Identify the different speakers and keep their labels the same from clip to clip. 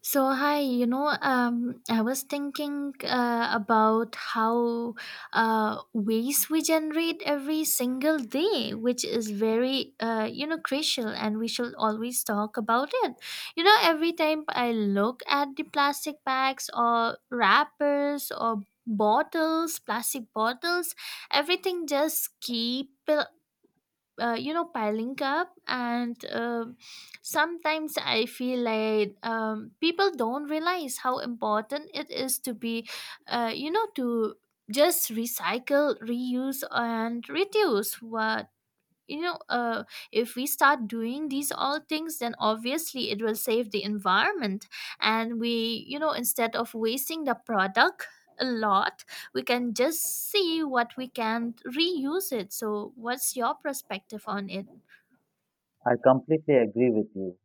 Speaker 1: So hi, you know, I was thinking about how waste we generate every single day, which is very, you know, crucial, and we should always talk about it. You know, every time I look at the plastic bags or wrappers or bottles, plastic bottles, everything just keep you know piling up and Sometimes I feel like people don't realize how important it is to be to just recycle reuse and reduce what you know uh, if we start doing these all things then obviously it will save the environment, and we you know instead of wasting the product a lot, we can just see what we can reuse it. So what's your perspective on it?
Speaker 2: I completely agree with you.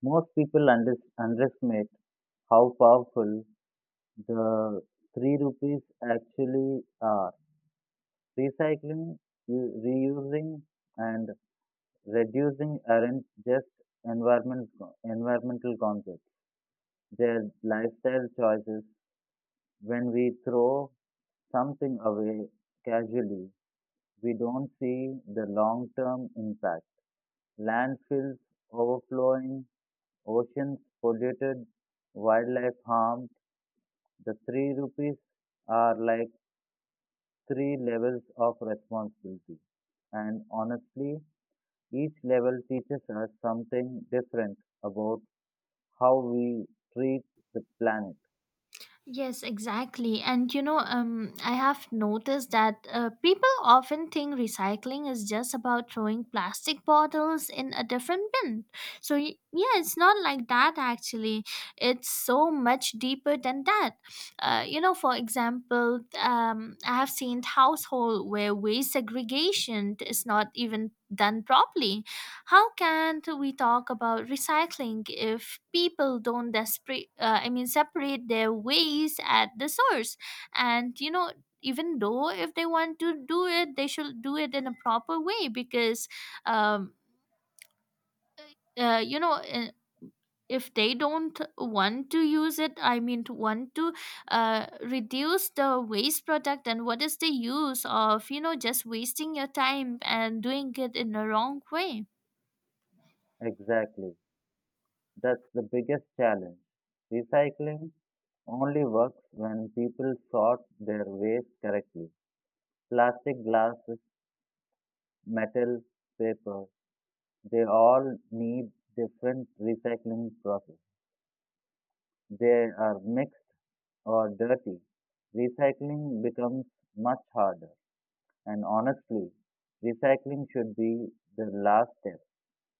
Speaker 2: Most people underestimate how powerful the three rupees actually are. Recycling, reusing, and reducing aren't just environment, environmental concepts. They're lifestyle choices. When we throw something away casually, we don't see the long term impact. Landfills overflowing, oceans polluted, wildlife harmed, the three rupees are like three levels of responsibility. And honestly, each level teaches us something different about how we treat the planet.
Speaker 1: Yes, exactly. And you know, I have noticed that people often think recycling is just about throwing plastic bottles in a different bin. So, yeah, it's not like that actually. It's so much deeper than that. You know, for example, I have seen household where waste segregation is not even done properly. How can we talk about recycling if people don't desperate? I mean, separate their waste at the source, and you know. Even though if they want to do it, they should do it in a proper way because um, uh, you know, if they don't want to use it I mean to want to reduce the waste product, then what is the use of you know just wasting your time and doing it in the wrong way?
Speaker 2: Exactly. That's the biggest challenge. Recycling only works when people sort their waste correctly. Plastic, glasses, metal, paper. They all need different recycling process. They are mixed or dirty. Recycling becomes much harder. And honestly, recycling should be the last step.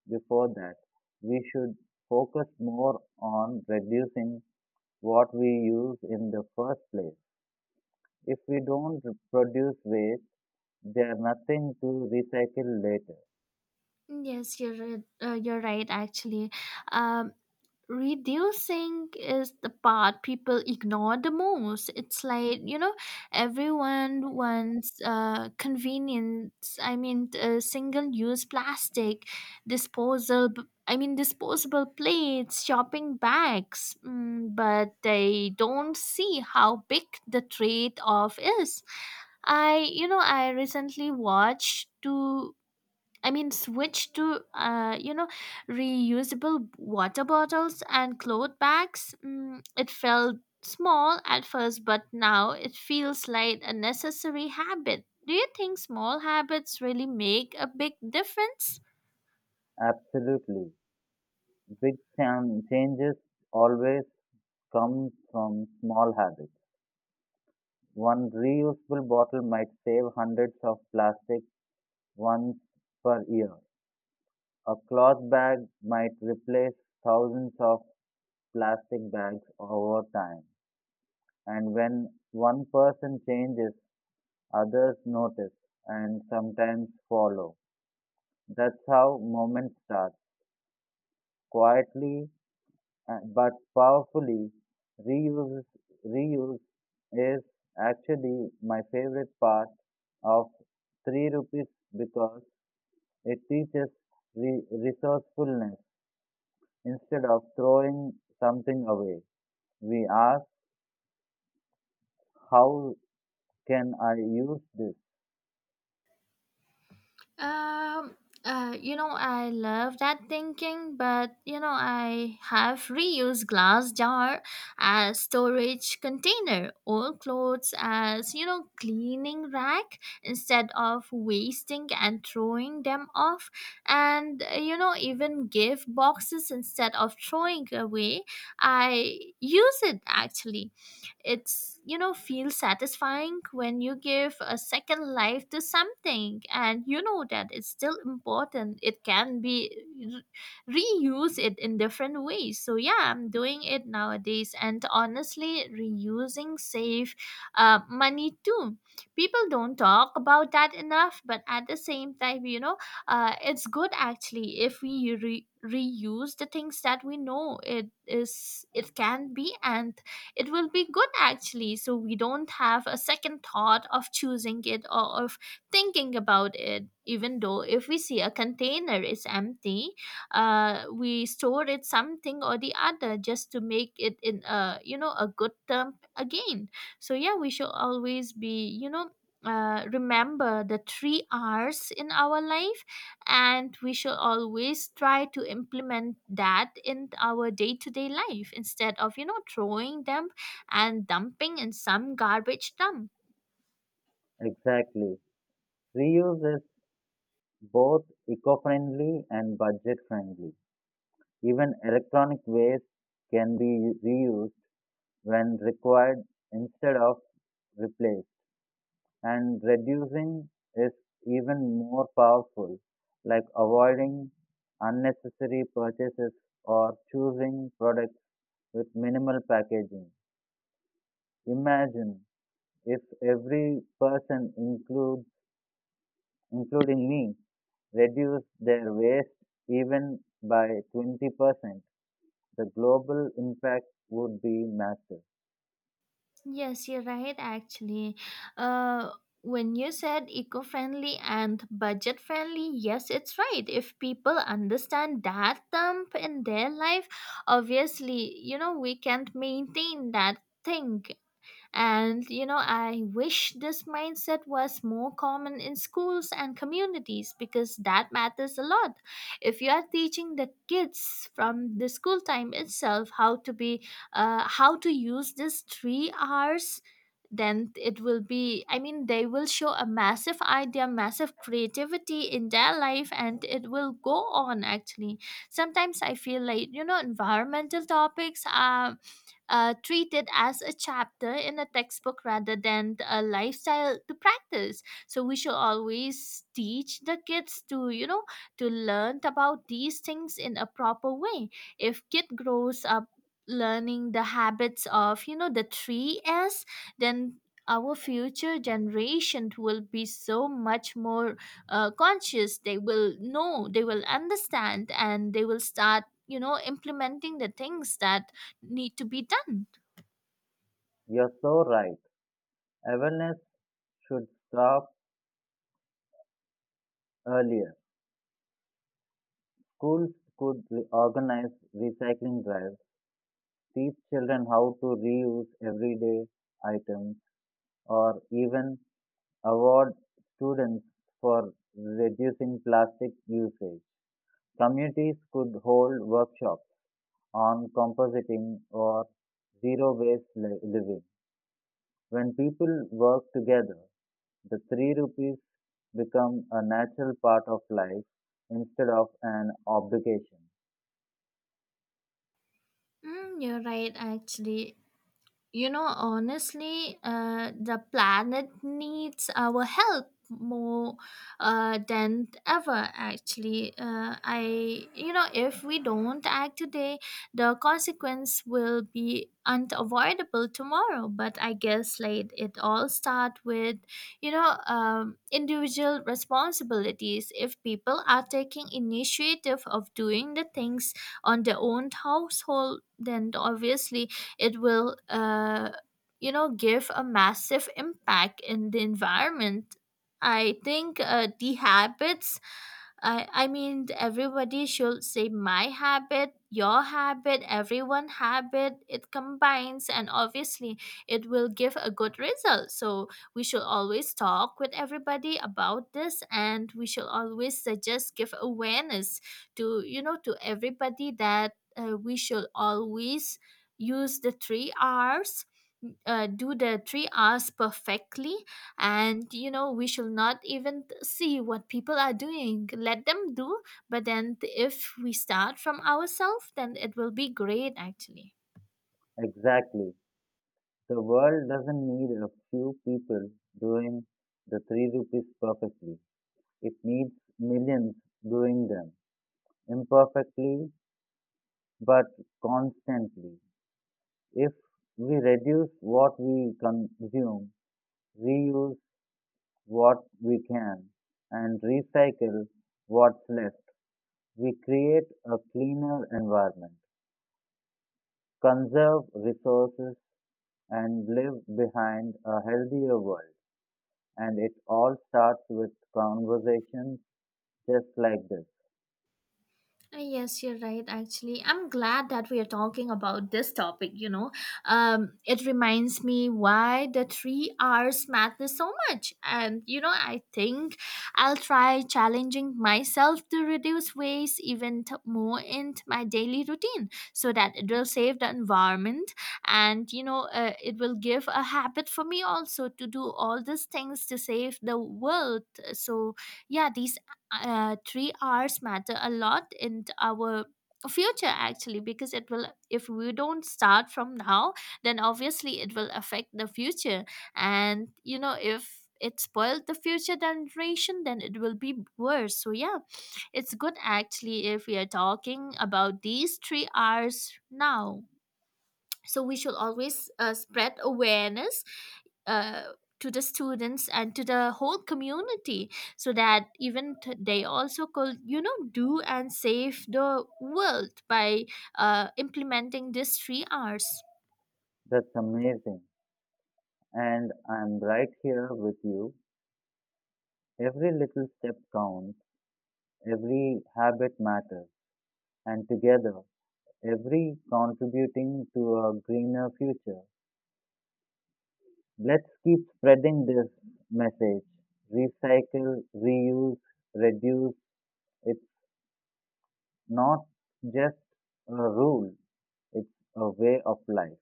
Speaker 2: Before that, we should focus more on reducing what we use in the first place. If we don't produce waste, there's nothing to recycle later.
Speaker 1: You're right actually. um, Reducing is the part people ignore the most. It's like you know everyone wants convenience I mean single use plastic disposal I mean disposable plates shopping bags, but they don't see how big the trade off is. I recently watched two I mean, switch to, you know, reusable water bottles and cloth bags. It felt small at first, but now it feels like a necessary habit. Do you think small habits really make a big difference?
Speaker 2: Absolutely. Big changes always comes from small habits. One reusable bottle might save hundreds of plastic ones per year. A cloth bag might replace thousands of plastic bags over time. And when one person changes, others notice and sometimes follow. That's how movement starts quietly but powerfully. Reuse, reuse is actually my favorite part of 3 rupees because it teaches resourcefulness. Instead of throwing something away, we ask, how can I use this?
Speaker 1: Um, you know, I love that thinking, but you know, I have reused glass jar as storage container, old clothes as you know, cleaning rack instead of wasting and throwing them off, and you know, even gift boxes instead of throwing away. I use it actually. It's you know feels satisfying when you give a second life to something, and you know that it's still important it can be reuse it in different ways. So yeah, I'm doing it nowadays, and honestly reusing save money too. People don't talk about that enough, but at the same time you know it's good actually if we reuse the things that we know it is it can be and it will be good actually, so we don't have a second thought of choosing it or of thinking about it. Even though if we see a container is empty, we store it something or the other just to make it in a you know a good term again. So yeah, we should always be you know remember the three R's in our life, and we should always try to implement that in our day to day life instead of you know throwing them and dumping in some garbage dump.
Speaker 2: Exactly. Reuse is both eco-friendly and budget-friendly. Even electronic waste can be reused when required instead of replace, and reducing is even more powerful, like avoiding unnecessary purchases or choosing products with minimal packaging. Imagine if every person including me reduced their waste even by 20%, the global impact would be massive.
Speaker 1: Yes, you're right, actually. Uh, when you said eco friendly and budget friendly, yes, it's right. If people understand that dump in their life, obviously, you know, we can't maintain that thing. And you know, I wish this mindset was more common in schools and communities because that matters a lot. If you are teaching the kids from the school time itself how to be, how to use these 3 hours, then it will be I mean they will show a massive idea massive creativity in their life, and it will go on actually. Sometimes I feel like you know environmental topics are treat it as a chapter in a textbook rather than a lifestyle to practice. So we should always teach the kids to, you know, to learn about these things in a proper way. If kid grows up learning the habits of, you know, the three S, then our future generation will be so much more conscious. They will know they will understand and they will start you know implementing the things that need to be done.
Speaker 2: You're so right. Awareness should stop earlier, schools could organize recycling drives, teach children how to reuse everyday items, or even award students for reducing plastic usage. Communities could hold workshops on compositing or zero waste living. When people work together, the three rupees become a natural part of life instead of an obligation.
Speaker 1: You're right, actually. You know, honestly, the planet needs our help more than ever actually. I you know if we don't act today the consequence will be unavoidable tomorrow, but I guess like it all start with you know individual responsibilities. If people are taking initiative of doing the things on their own household, then obviously it will you know give a massive impact in the environment. I think the habits I mean everybody should say my habit your habit everyone habit it combines, and obviously it will give a good result. So we should always talk with everybody about this, and we should always suggest give awareness to you know to everybody that we should always use the three R's, do the three R's perfectly, and you know we should not even see what people are doing. Let them do, but then if we start from ourselves, then it will be great actually.
Speaker 2: Exactly. The world doesn't need a few people doing the three rupees perfectly. It needs millions doing them imperfectly but constantly. If we reduce what we consume, reuse what we can, and recycle what's left, we create a cleaner environment, conserve resources, and leave behind a healthier world. And it all starts with conversations just like this.
Speaker 1: Yes, you're right. Actually, I'm glad that we are talking about this topic. You know, it reminds me why the three R's matter so much. And you know, I think I'll try challenging myself to reduce waste even more in my daily routine, so that it will save the environment, and you know, it will give a habit for me also to do all these things to save the world. So yeah, these 3 hours matter a lot in our future actually because it will if we don't start from now, then obviously it will affect the future. And you know if it spoiled the future generation then it will be worse, so yeah it's good actually if we are talking about these 3 hours now. So we should always spread awareness uh, to the students and to the whole community, so that even they also could you know do and save the world by implementing these three r's.
Speaker 2: That's amazing. And I'm right here with you. Every little step counts, every habit matters, and together, every contributing to a greener future. Let's keep spreading this message. Recycle, reuse, reduce. It's not just a rule, it's a way of life.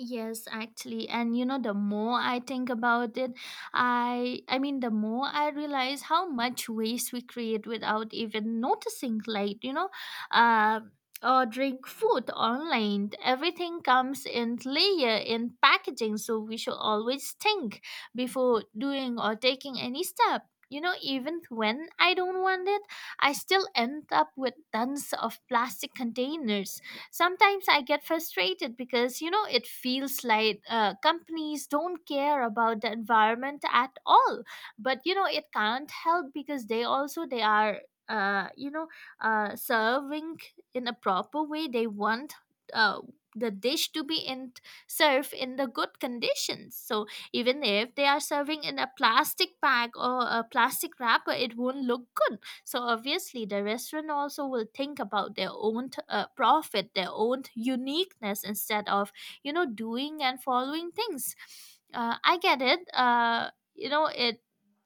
Speaker 1: Yes, actually. And you know, the more I think about it, I mean the more I realize how much waste we create without even noticing, like, you know, uh, ordering food online. Everything comes in layer in packaging, so we should always think before doing or taking any step. You know, even when I don't want it, I still end up with tons of plastic containers. Sometimes I get frustrated because, you know, it feels like companies don't care about the environment at all. But, you know, it can't help because they also, they are, uh, you know, serving in a proper way. They want uh, the dish to be in served in the good conditions. So even if they are serving in a plastic bag or a plastic wrapper, it won't look good, so obviously, the restaurant also will think about their own profit, their own uniqueness instead of you know doing and following things. I get it. You know it.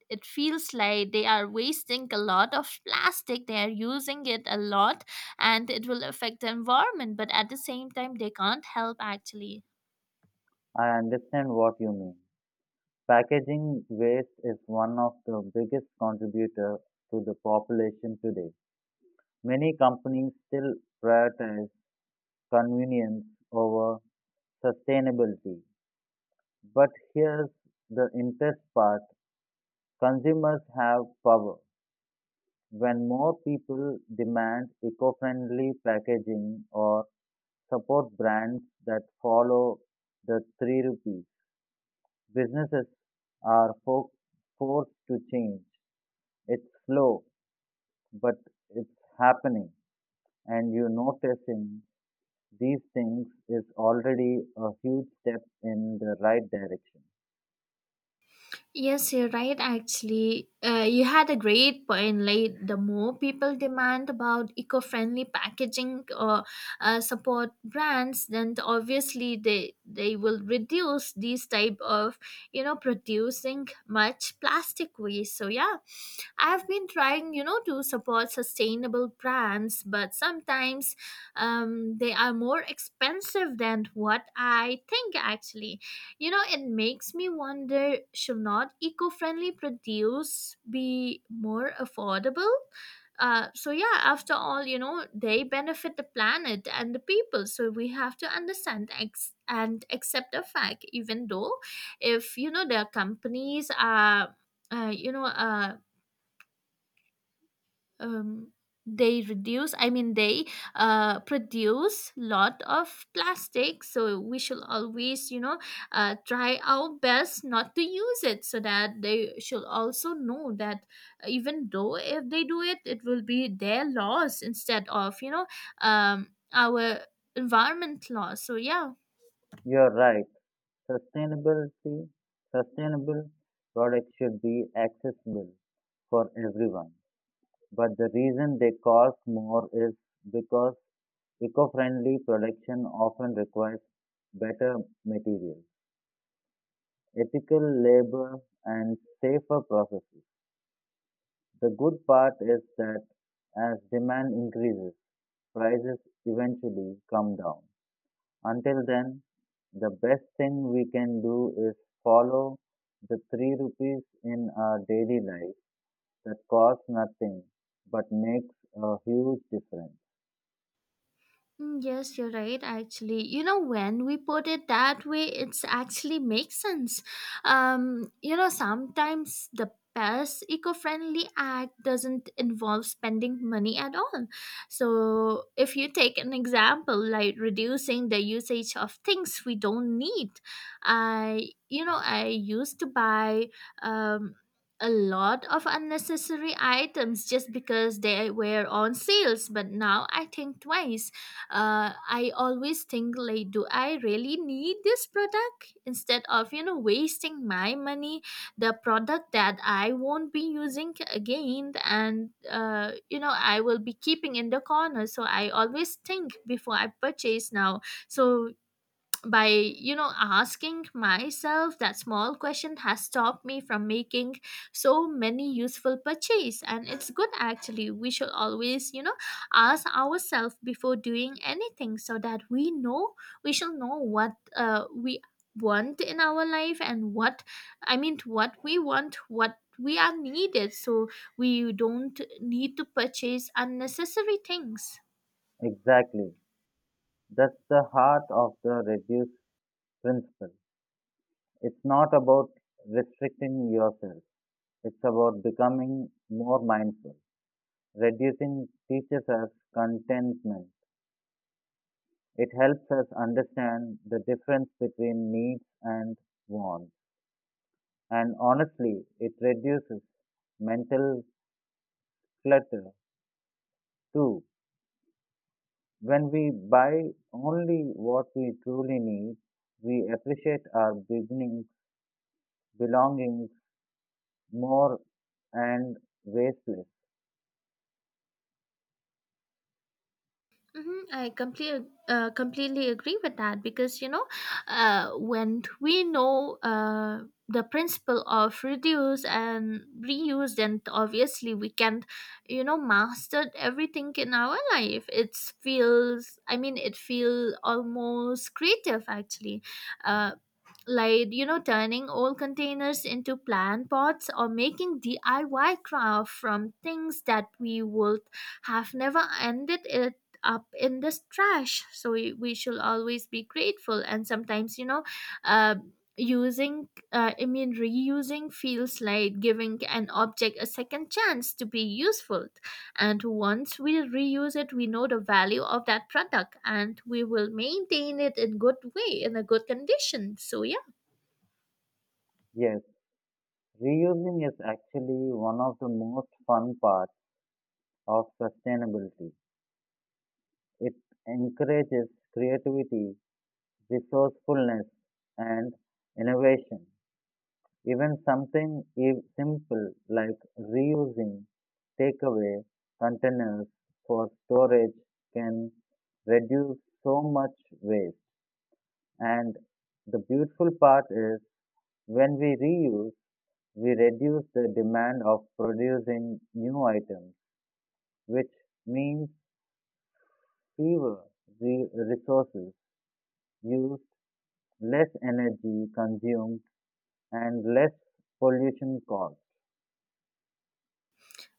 Speaker 1: It feels like they are wasting a lot of plastic. They are using it a lot, and it will affect the environment. But at the same time, they can't help actually.
Speaker 2: I understand what you mean. Packaging waste is one of the biggest contributor to the population today. Many companies still prioritize convenience over sustainability. But here's the interest part. Consumers have power. When more people demand eco-friendly packaging or support brands that follow the three rupees, businesses are forced to change. It's slow, but it's happening and you noticing these things is already a huge step in the right direction.
Speaker 1: Yes, you're right. Actually, you had a great point. Like the more people demand about eco-friendly packaging or support brands, then obviously they will reduce these type of you know producing much plastic waste. So yeah, I've been trying you know to support sustainable brands, but sometimes they are more expensive than what I think actually. You know, it makes me wonder should not eco friendly produce be more affordable? So, yeah, after all, you know, they benefit the planet and the people. So, we have to understand and accept the fact, even though if, you know, their companies are. Uh, you know, uh, um, they reduce I mean they produce lot of plastic, so we should always you know try our best not to use it so that they should also know that even though if they do it it will be their loss instead of you know our environment laws so yeah.
Speaker 2: You're right, sustainability sustainable products should be accessible for everyone, but the reason they cost more is because eco-friendly production often requires better materials, ethical labor, and safer processes. The good part is that as demand increases, prices eventually come down. Until then, the best thing we can do is follow the 3 rupees in our daily life that cost nothing but makes a huge difference.
Speaker 1: Yes, you're right, actually. You know, when we put it that way, it's actually makes sense. You know, sometimes the best eco-friendly act doesn't involve spending money at all. So, if you take an example like reducing the usage of things we don't need, I, I used to buy um a lot of unnecessary items just because they were on sales, but now I think twice. I always think like, do I really need this product instead of wasting my money, the product that I won't be using again and I will be keeping in the corner. So I always think before I purchase now. So by asking myself that small question has stopped me from making so many useful purchase. And it's good, actually, we should always ask ourselves before doing anything so that we know, we shall know what we want in our life and what, I mean what we want, what we are needed. So we don't need to purchase unnecessary things.
Speaker 2: Exactly. That's the heart of the reduce principle. It's not about restricting yourself. It's about becoming more mindful. Reducing teaches us contentment. It helps us understand the difference between needs and wants. And honestly, it reduces mental clutter too. When we buy only what we truly need, we appreciate our belongings more and wasteless.
Speaker 1: Mhm, I completely completely agree with that because when we know the principle of reduce and reuse, then obviously we can master everything in our life. It feels, I mean it feel almost creative actually. Uh, like turning old containers into plant pots or making DIY craft from things that we would have never ended it up in this trash. So we should always be grateful. And sometimes uh, using, I mean reusing feels like giving an object a second chance to be useful. And once we reuse it, we know the value of that product and we will maintain it in good way, in a good condition. So yeah.
Speaker 2: Yes, reusing is actually one of the most fun parts of sustainability. It encourages creativity, resourcefulness, and innovation. Even something simple like reusing takeaway containers for storage can reduce so much waste. And the beautiful part is when we reuse, we reduce the demand of producing new items, which means fewer resources used, less energy consumed, and less pollution caused.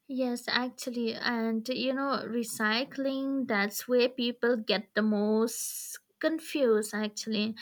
Speaker 1: Yes, actually, and recycling, that's where people get the most confused actually.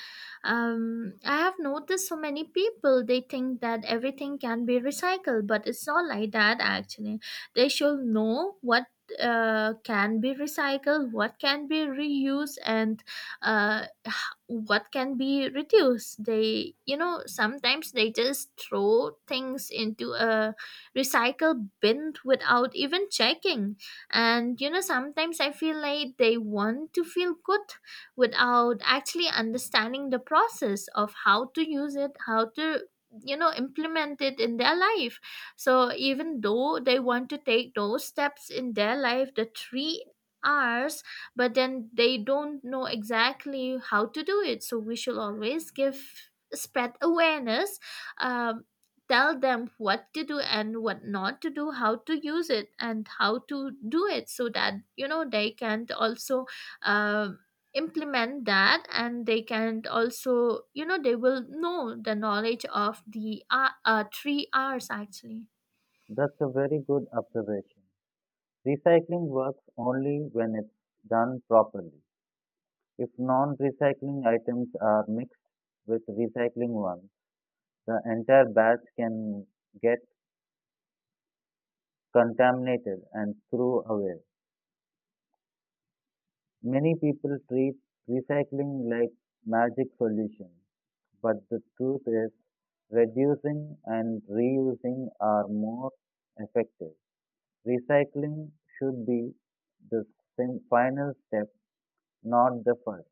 Speaker 1: I have noticed so many people, they think that everything can be recycled, but it's not like that actually. They should know what can be recycled, what can be reused, and uh, h- what can be reduced. They, sometimes they just throw things into a recycle bin without even checking. And sometimes I feel like they want to feel good without actually understanding the process of how to use it, how to implement it in their life. So even though they want to take those steps in their life, the three R's, but then they don't know exactly how to do it. So we should always give, spread awareness, um, tell them what to do and what not to do, how to use it and how to do it, so that they can also um implement that, and they can also, they will know the knowledge of the three R's actually.
Speaker 2: That's a very good observation. Recycling works only when it's done properly. If non-recycling items are mixed with recycling ones, the entire batch can get contaminated and thrown away. Many people treat recycling like magic solution, but the truth is reducing and reusing are more effective. Recycling should be the final step, not the first.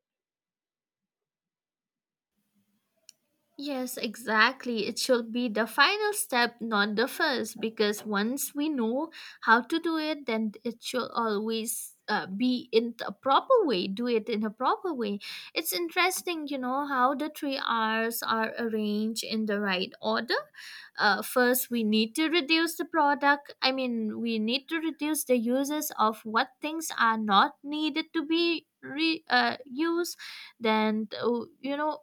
Speaker 1: Yes, exactly. It should be the final step, not the first, because once we know how to do it, then it should always be in a proper way, do it in a proper way. It's interesting, how the three R's are arranged in the right order. First, we need to reduce the product. I mean, we need to reduce the uses of what things are not needed to be re used. Then,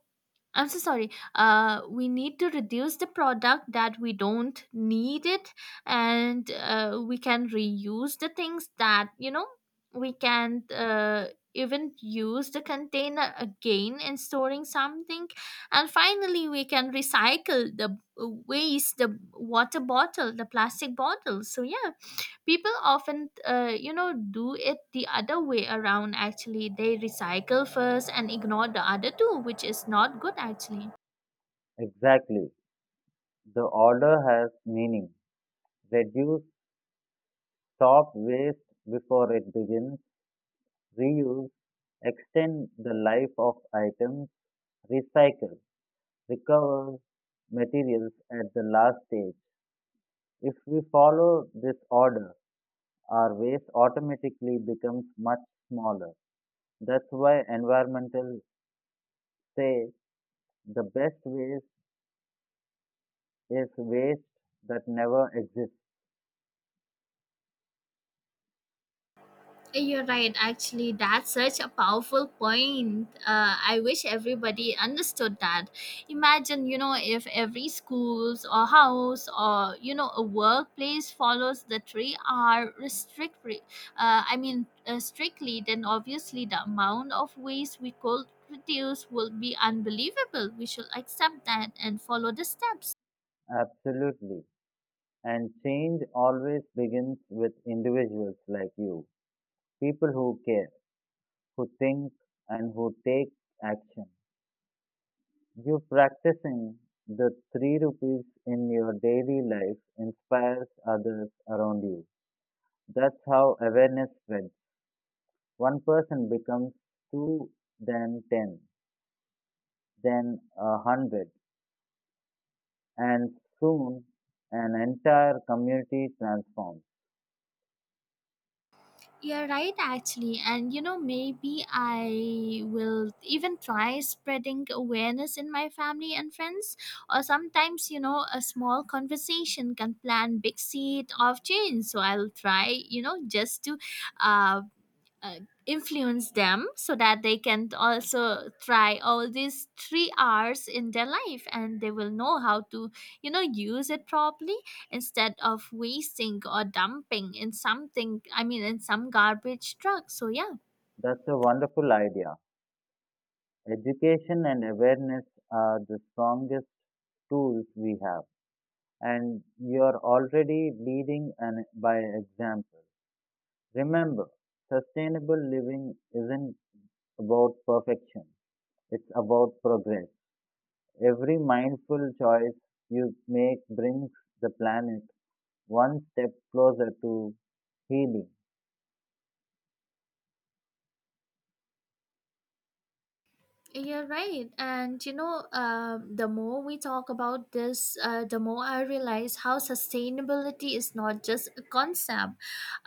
Speaker 1: I'm so sorry. We need to reduce the product that we don't need it, and we can reuse the things that we can even use the container again in storing something, and finally we can recycle the waste, the water bottle, the plastic bottle. So yeah, people often do it the other way around, actually they recycle first and ignore the other two, which is not good actually.
Speaker 2: Exactly. The order has meaning. Reduce, stop waste before it begins, reuse, extend the life of items, recycle, recover materials at the last stage. If we follow this order, our waste automatically becomes much smaller. That's why environmental say the best ways is waste that never exists.
Speaker 1: You're right. Actually, that's such a powerful point. I wish everybody understood that. Imagine, if every schools or house or a workplace follows the three R I mean, strictly, then obviously the amount of waste we could reduce will be unbelievable. We should accept that and follow the steps.
Speaker 2: Absolutely. And change always begins with individuals like you, people who care, who think, and who take action. You practicing the three rupees in your daily life inspires others around you. That's how awareness spreads. One person becomes two, then ten, then a hundred, and soon an entire community transforms.
Speaker 1: You're right, actually. And maybe I will even try spreading awareness in my family and friends. Or sometimes, a small conversation can plant big seed of change. So I'll try, just to uh, uh, influence them so that they can also try all these three R's in their life, and they will know how to, use it properly instead of wasting or dumping in something, I mean, in some garbage truck. So, yeah.
Speaker 2: That's a wonderful idea. Education and awareness are the strongest tools we have, and you are already leading an, by example. Remember, sustainable living isn't about perfection, it's about progress. Every mindful choice you make brings the planet one step closer to healing.
Speaker 1: You're right. And the more we talk about this, the more I realize how sustainability is not just a concept,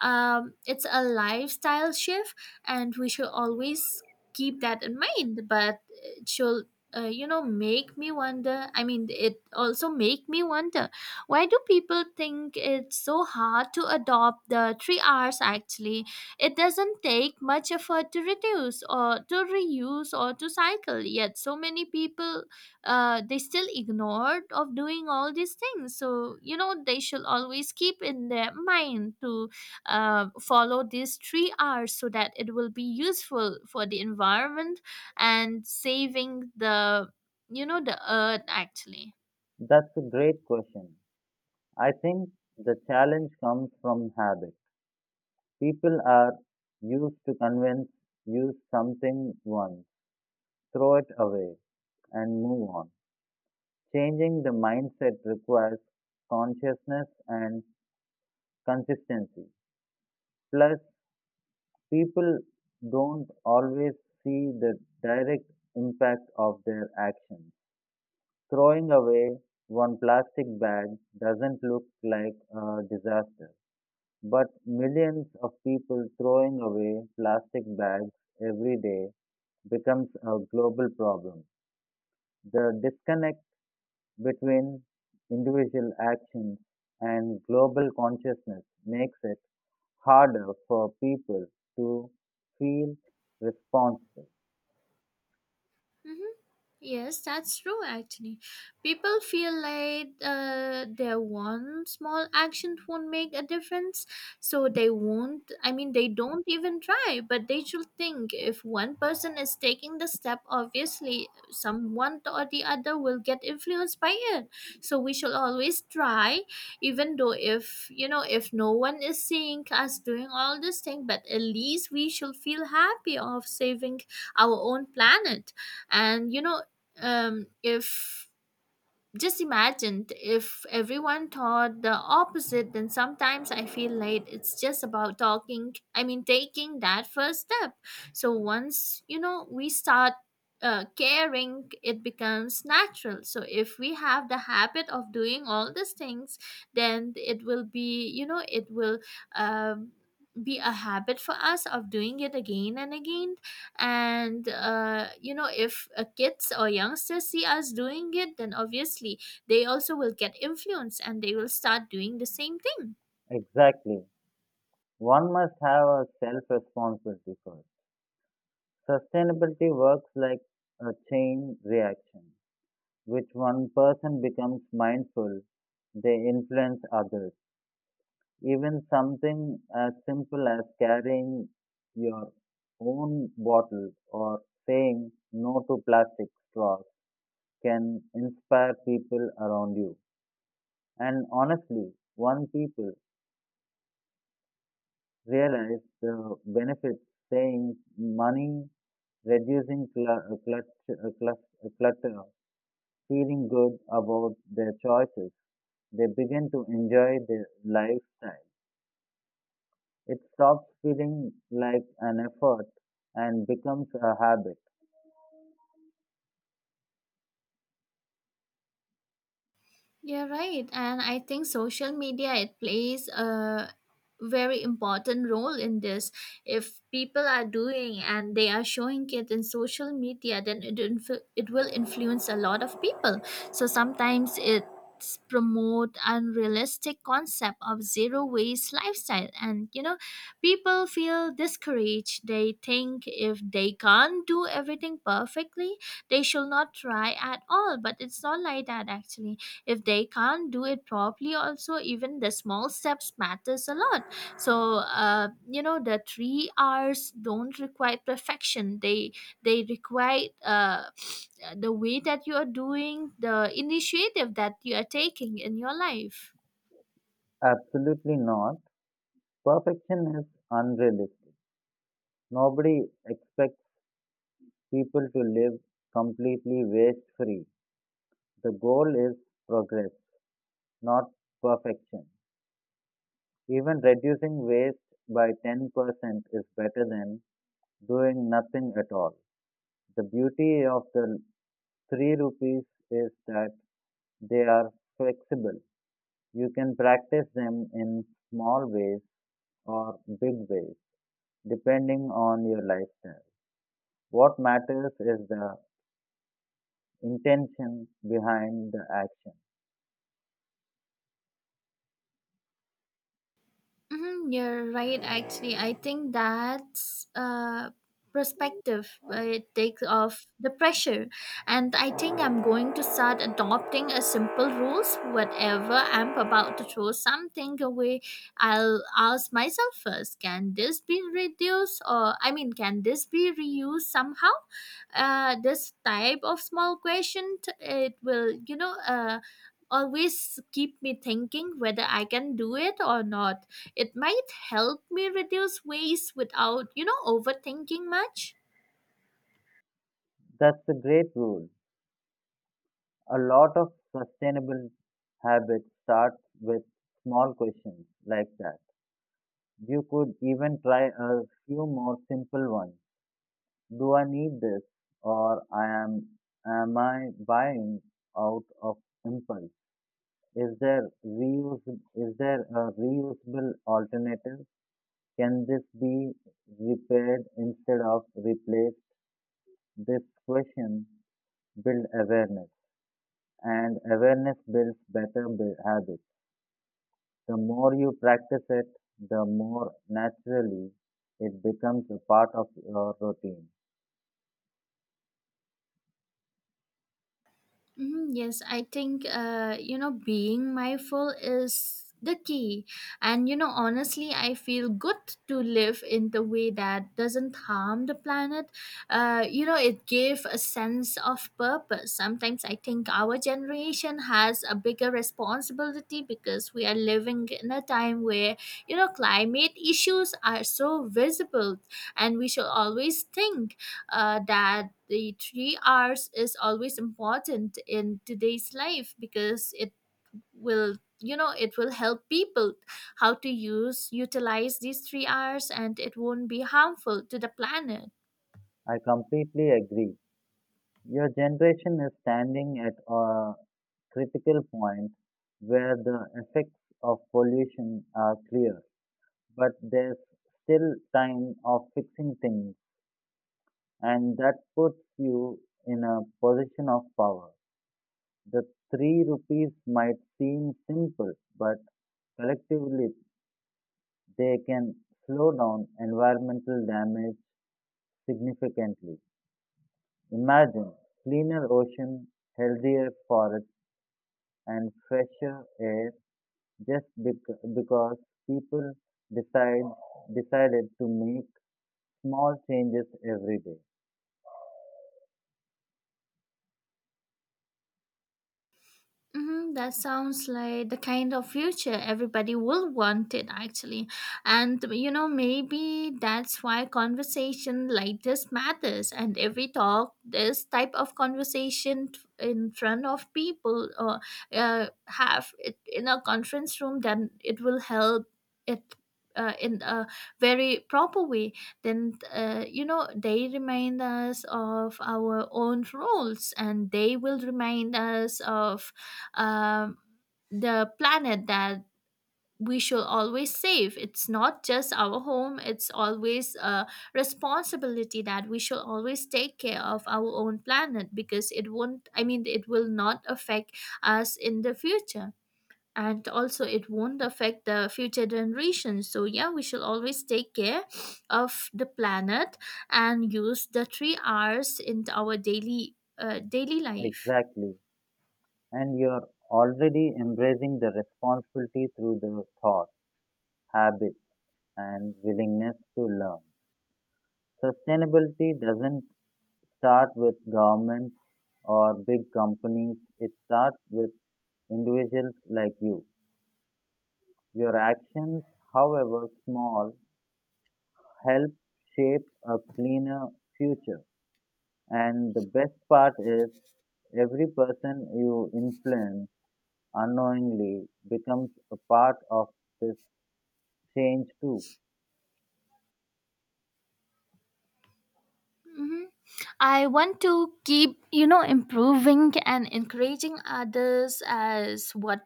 Speaker 1: it's a lifestyle shift, and we should always keep that in mind. But it should, make me wonder. I mean, it also make me wonder, why do people think it's so hard to adopt the three R's actually? It doesn't take much effort to reduce or to reuse or to cycle. Yet so many people they still ignored of doing all these things. So they should always keep in their mind to follow these three R's so that it will be useful for the environment and saving the, the earth actually.
Speaker 2: That's a great question. I think the challenge comes from habit. People are used to convince, use something once, throw it away, and move on. Changing the mindset requires consciousness and consistency. Plus, people don't always see the direct impact of their actions. Throwing away one plastic bag doesn't look like a disaster. But millions of people throwing away plastic bags every day becomes a global problem. The disconnect between individual actions and global consciousness makes it harder for people to feel responsible.
Speaker 1: Yes, that's true actually. People feel like their one small action won't make a difference, so they won't, I mean, they don't even try, but they should think, if one person is taking the step, obviously someone or the other will get influenced by it. So we should always try, even though if, if no one is seeing us doing all this thing, but at least we should feel happy of saving our own planet. And if, just imagined if everyone thought the opposite, then sometimes I feel like it's just about talking, I mean taking that first step. So once we start caring, it becomes natural. So if we have the habit of doing all these things, then it will be, it will um, be a habit for us of doing it again and again. And if kids or youngsters see us doing it, then obviously they also will get influenced and they will start doing the same.
Speaker 2: Exactly. One must have a self responsibility first. Sustainability works like a chain reaction. Which one person becomes mindful, they influence others. Even something as simple as carrying your own bottle or saying no to plastic straws can inspire people around you. And honestly, once people realize the benefits, saying money, reducing clutter, feeling good about their choices. They begin to enjoy their lifestyle. It stops feeling like an effort and becomes a habit.
Speaker 1: Yeah, right. And I think social media, it plays a very important role in this. If people are doing and they are showing it in social media, then it will influence a lot of people. So sometimes it promote unrealistic concept of zero waste lifestyle, and people feel discouraged, they think if they can't do everything perfectly, they should not try at all. But it's not like that actually. If they can't do it properly also, even the small steps matters a lot. So the three R's don't require perfection, they require the way that you are doing, the initiative that you are taking in your life.
Speaker 2: Absolutely not. Perfection is unrealistic. Nobody expects people to live completely waste free. The goal is progress, not perfection. Even reducing waste by 10% is better than doing nothing at all. The beauty of the three rupees is that they are flexible. You can practice them in small ways or big ways, depending on your lifestyle. What matters is the intention behind the action.
Speaker 1: Hmm, you're right. Actually, I think that's perspective. It takes off the pressure, and I think I'm going to start adopting a simple rules. Whatever I'm about to throw something away, I'll ask myself first: can this be reduced, or I mean, can this be reused somehow? This type of small question, it will, always keep me thinking whether I can do it or not, it might help me reduce waste without, overthinking much.
Speaker 2: That's a great rule. A lot of sustainable habits start with small questions like that. You could even try a few more simple ones. Do I need this, or I am I buying out of impulse? Is there reuse? Is there a reusable alternative? Can this be repaired instead of replaced? This question build awareness, and awareness builds better habits. The more you practice it, the more naturally it becomes a part of your routine.
Speaker 1: Mhm, yes, I think being mindful is the key, and honestly, I feel good to live in the way that doesn't harm the planet. It gave a sense of purpose. Sometimes I think our generation has a bigger responsibility because we are living in a time where climate issues are so visible, and we should always think that the 3 hours is always important in today's life because it will, it will help people how to use utilize these 3 hours, and it won't be harmful to the planet.
Speaker 2: I completely agree. Your generation is standing at a critical point where the effects of pollution are clear, but there's still time of fixing things, and that puts you in a position of power. The three rupees might seem simple, but collectively they can slow down environmental damage significantly. Imagine cleaner ocean, healthier forests, and fresher air just because people decide decided to make small changes every day.
Speaker 1: Mm-hmm, that sounds like the kind of future everybody will want it actually. And maybe that's why conversation like this matters. And every talk, this type of conversation in front of people or have it in a conference room, then it will help it. In a very proper way, then they remind us of our own roles, and they will remind us of um, the planet that we should always save. It's not just our home, it's always a responsibility that we should always take care of our own planet, because it won't, I mean, it will not affect us in the future. And also, it won't affect the future generations. So, yeah, we should always take care of the planet and use the three R's in our daily life.
Speaker 2: Exactly. And you're already embracing the responsibility through the thought, habits, and willingness to learn. Sustainability doesn't start with governments or big companies, it starts with individuals like you. Your actions, however small, help shape a cleaner future. And the best part is, every person you influence unknowingly becomes a part of this change too.
Speaker 1: Mhm. I want to keep, improving and encouraging others as what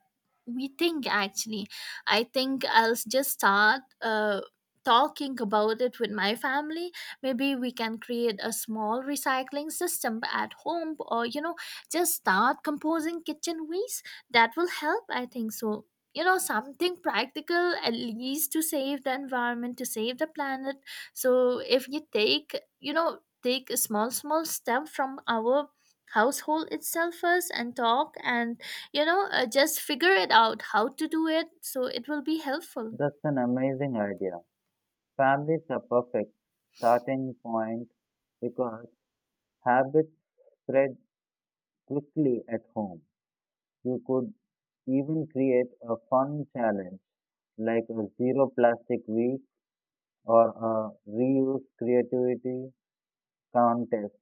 Speaker 1: we think actually. I think I'll just start talking about it with my family. Maybe we can create a small recycling system at home, or, just start composing kitchen waste. That will help, I think so. Something practical at least to save the environment, to save the planet. So if you take, take a small step from our household itself first and talk and just figure it out how to do it, so it will be helpful.
Speaker 2: That's an amazing idea. Families are perfect starting point because habits spread quickly at home. You could even create a fun challenge like a zero plastic week or a reuse creativity contest.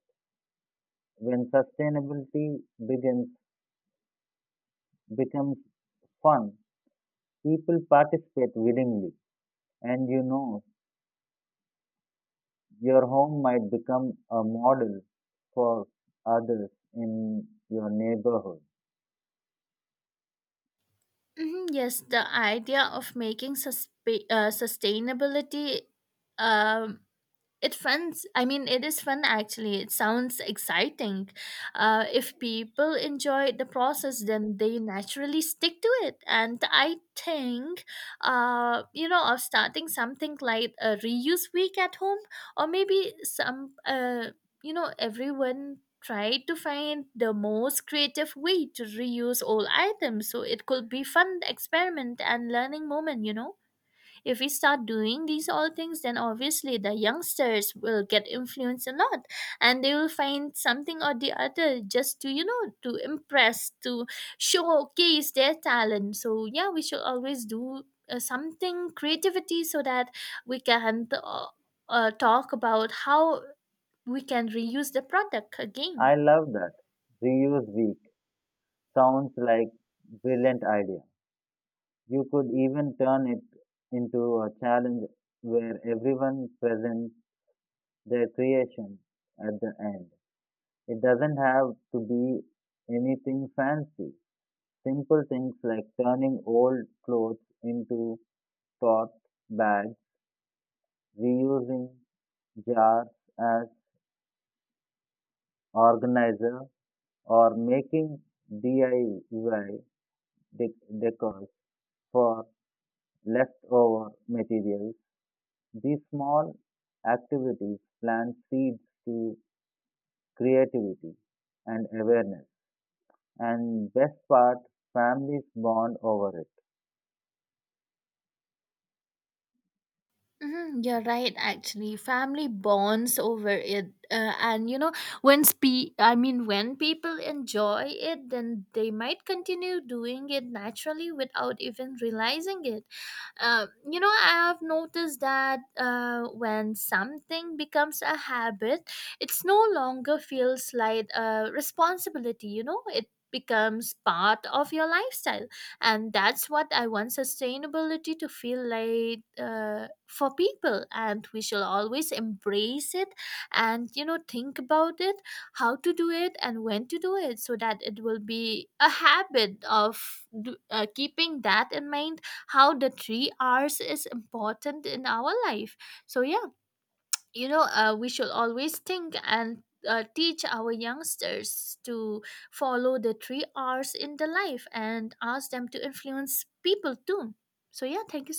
Speaker 2: When sustainability begins becomes fun, people participate willingly, and you know your home might become a model for others in your neighborhood.
Speaker 1: Mhm, yes, the idea of making sustainability um it is fun actually, it sounds exciting. If people enjoy the process, then they naturally stick to it. And I think of starting something like a reuse week at home or maybe some everyone try to find the most creative way to reuse old items, so it could be fun experiment and learning moment, if we start doing these all things, then obviously the youngsters will get influenced a lot, and they will find something or the other just to, to impress, to showcase their talent. So, yeah, we should always do something creativity so that we can talk about how we can reuse the product again.
Speaker 2: I love that. Reuse Week sounds like brilliant idea. You could even turn it into a challenge where everyone presents their creation at the end. It doesn't have to be anything fancy. Simple things like turning old clothes into tote bags, reusing jars as organizer, or making DIY decors for leftover materials. These small activities plant seeds to creativity and awareness. And best part, families bond over it.
Speaker 1: Mhm, you're right, actually. Family bonds over it. When I mean, when people enjoy it, then they might continue doing it naturally without even realizing it. I have noticed that when something becomes a habit, it's no longer feels like a responsibility, it becomes part of your lifestyle. And that's what I want sustainability to feel like for people, and we shall always embrace it. And think about it, how to do it and when to do it, so that it will be a habit of keeping that in mind, how the 3 Rs is important in our life. So yeah, we should always think, and teach our youngsters to follow the three R's in the life, and ask them to influence people too. So yeah, thank you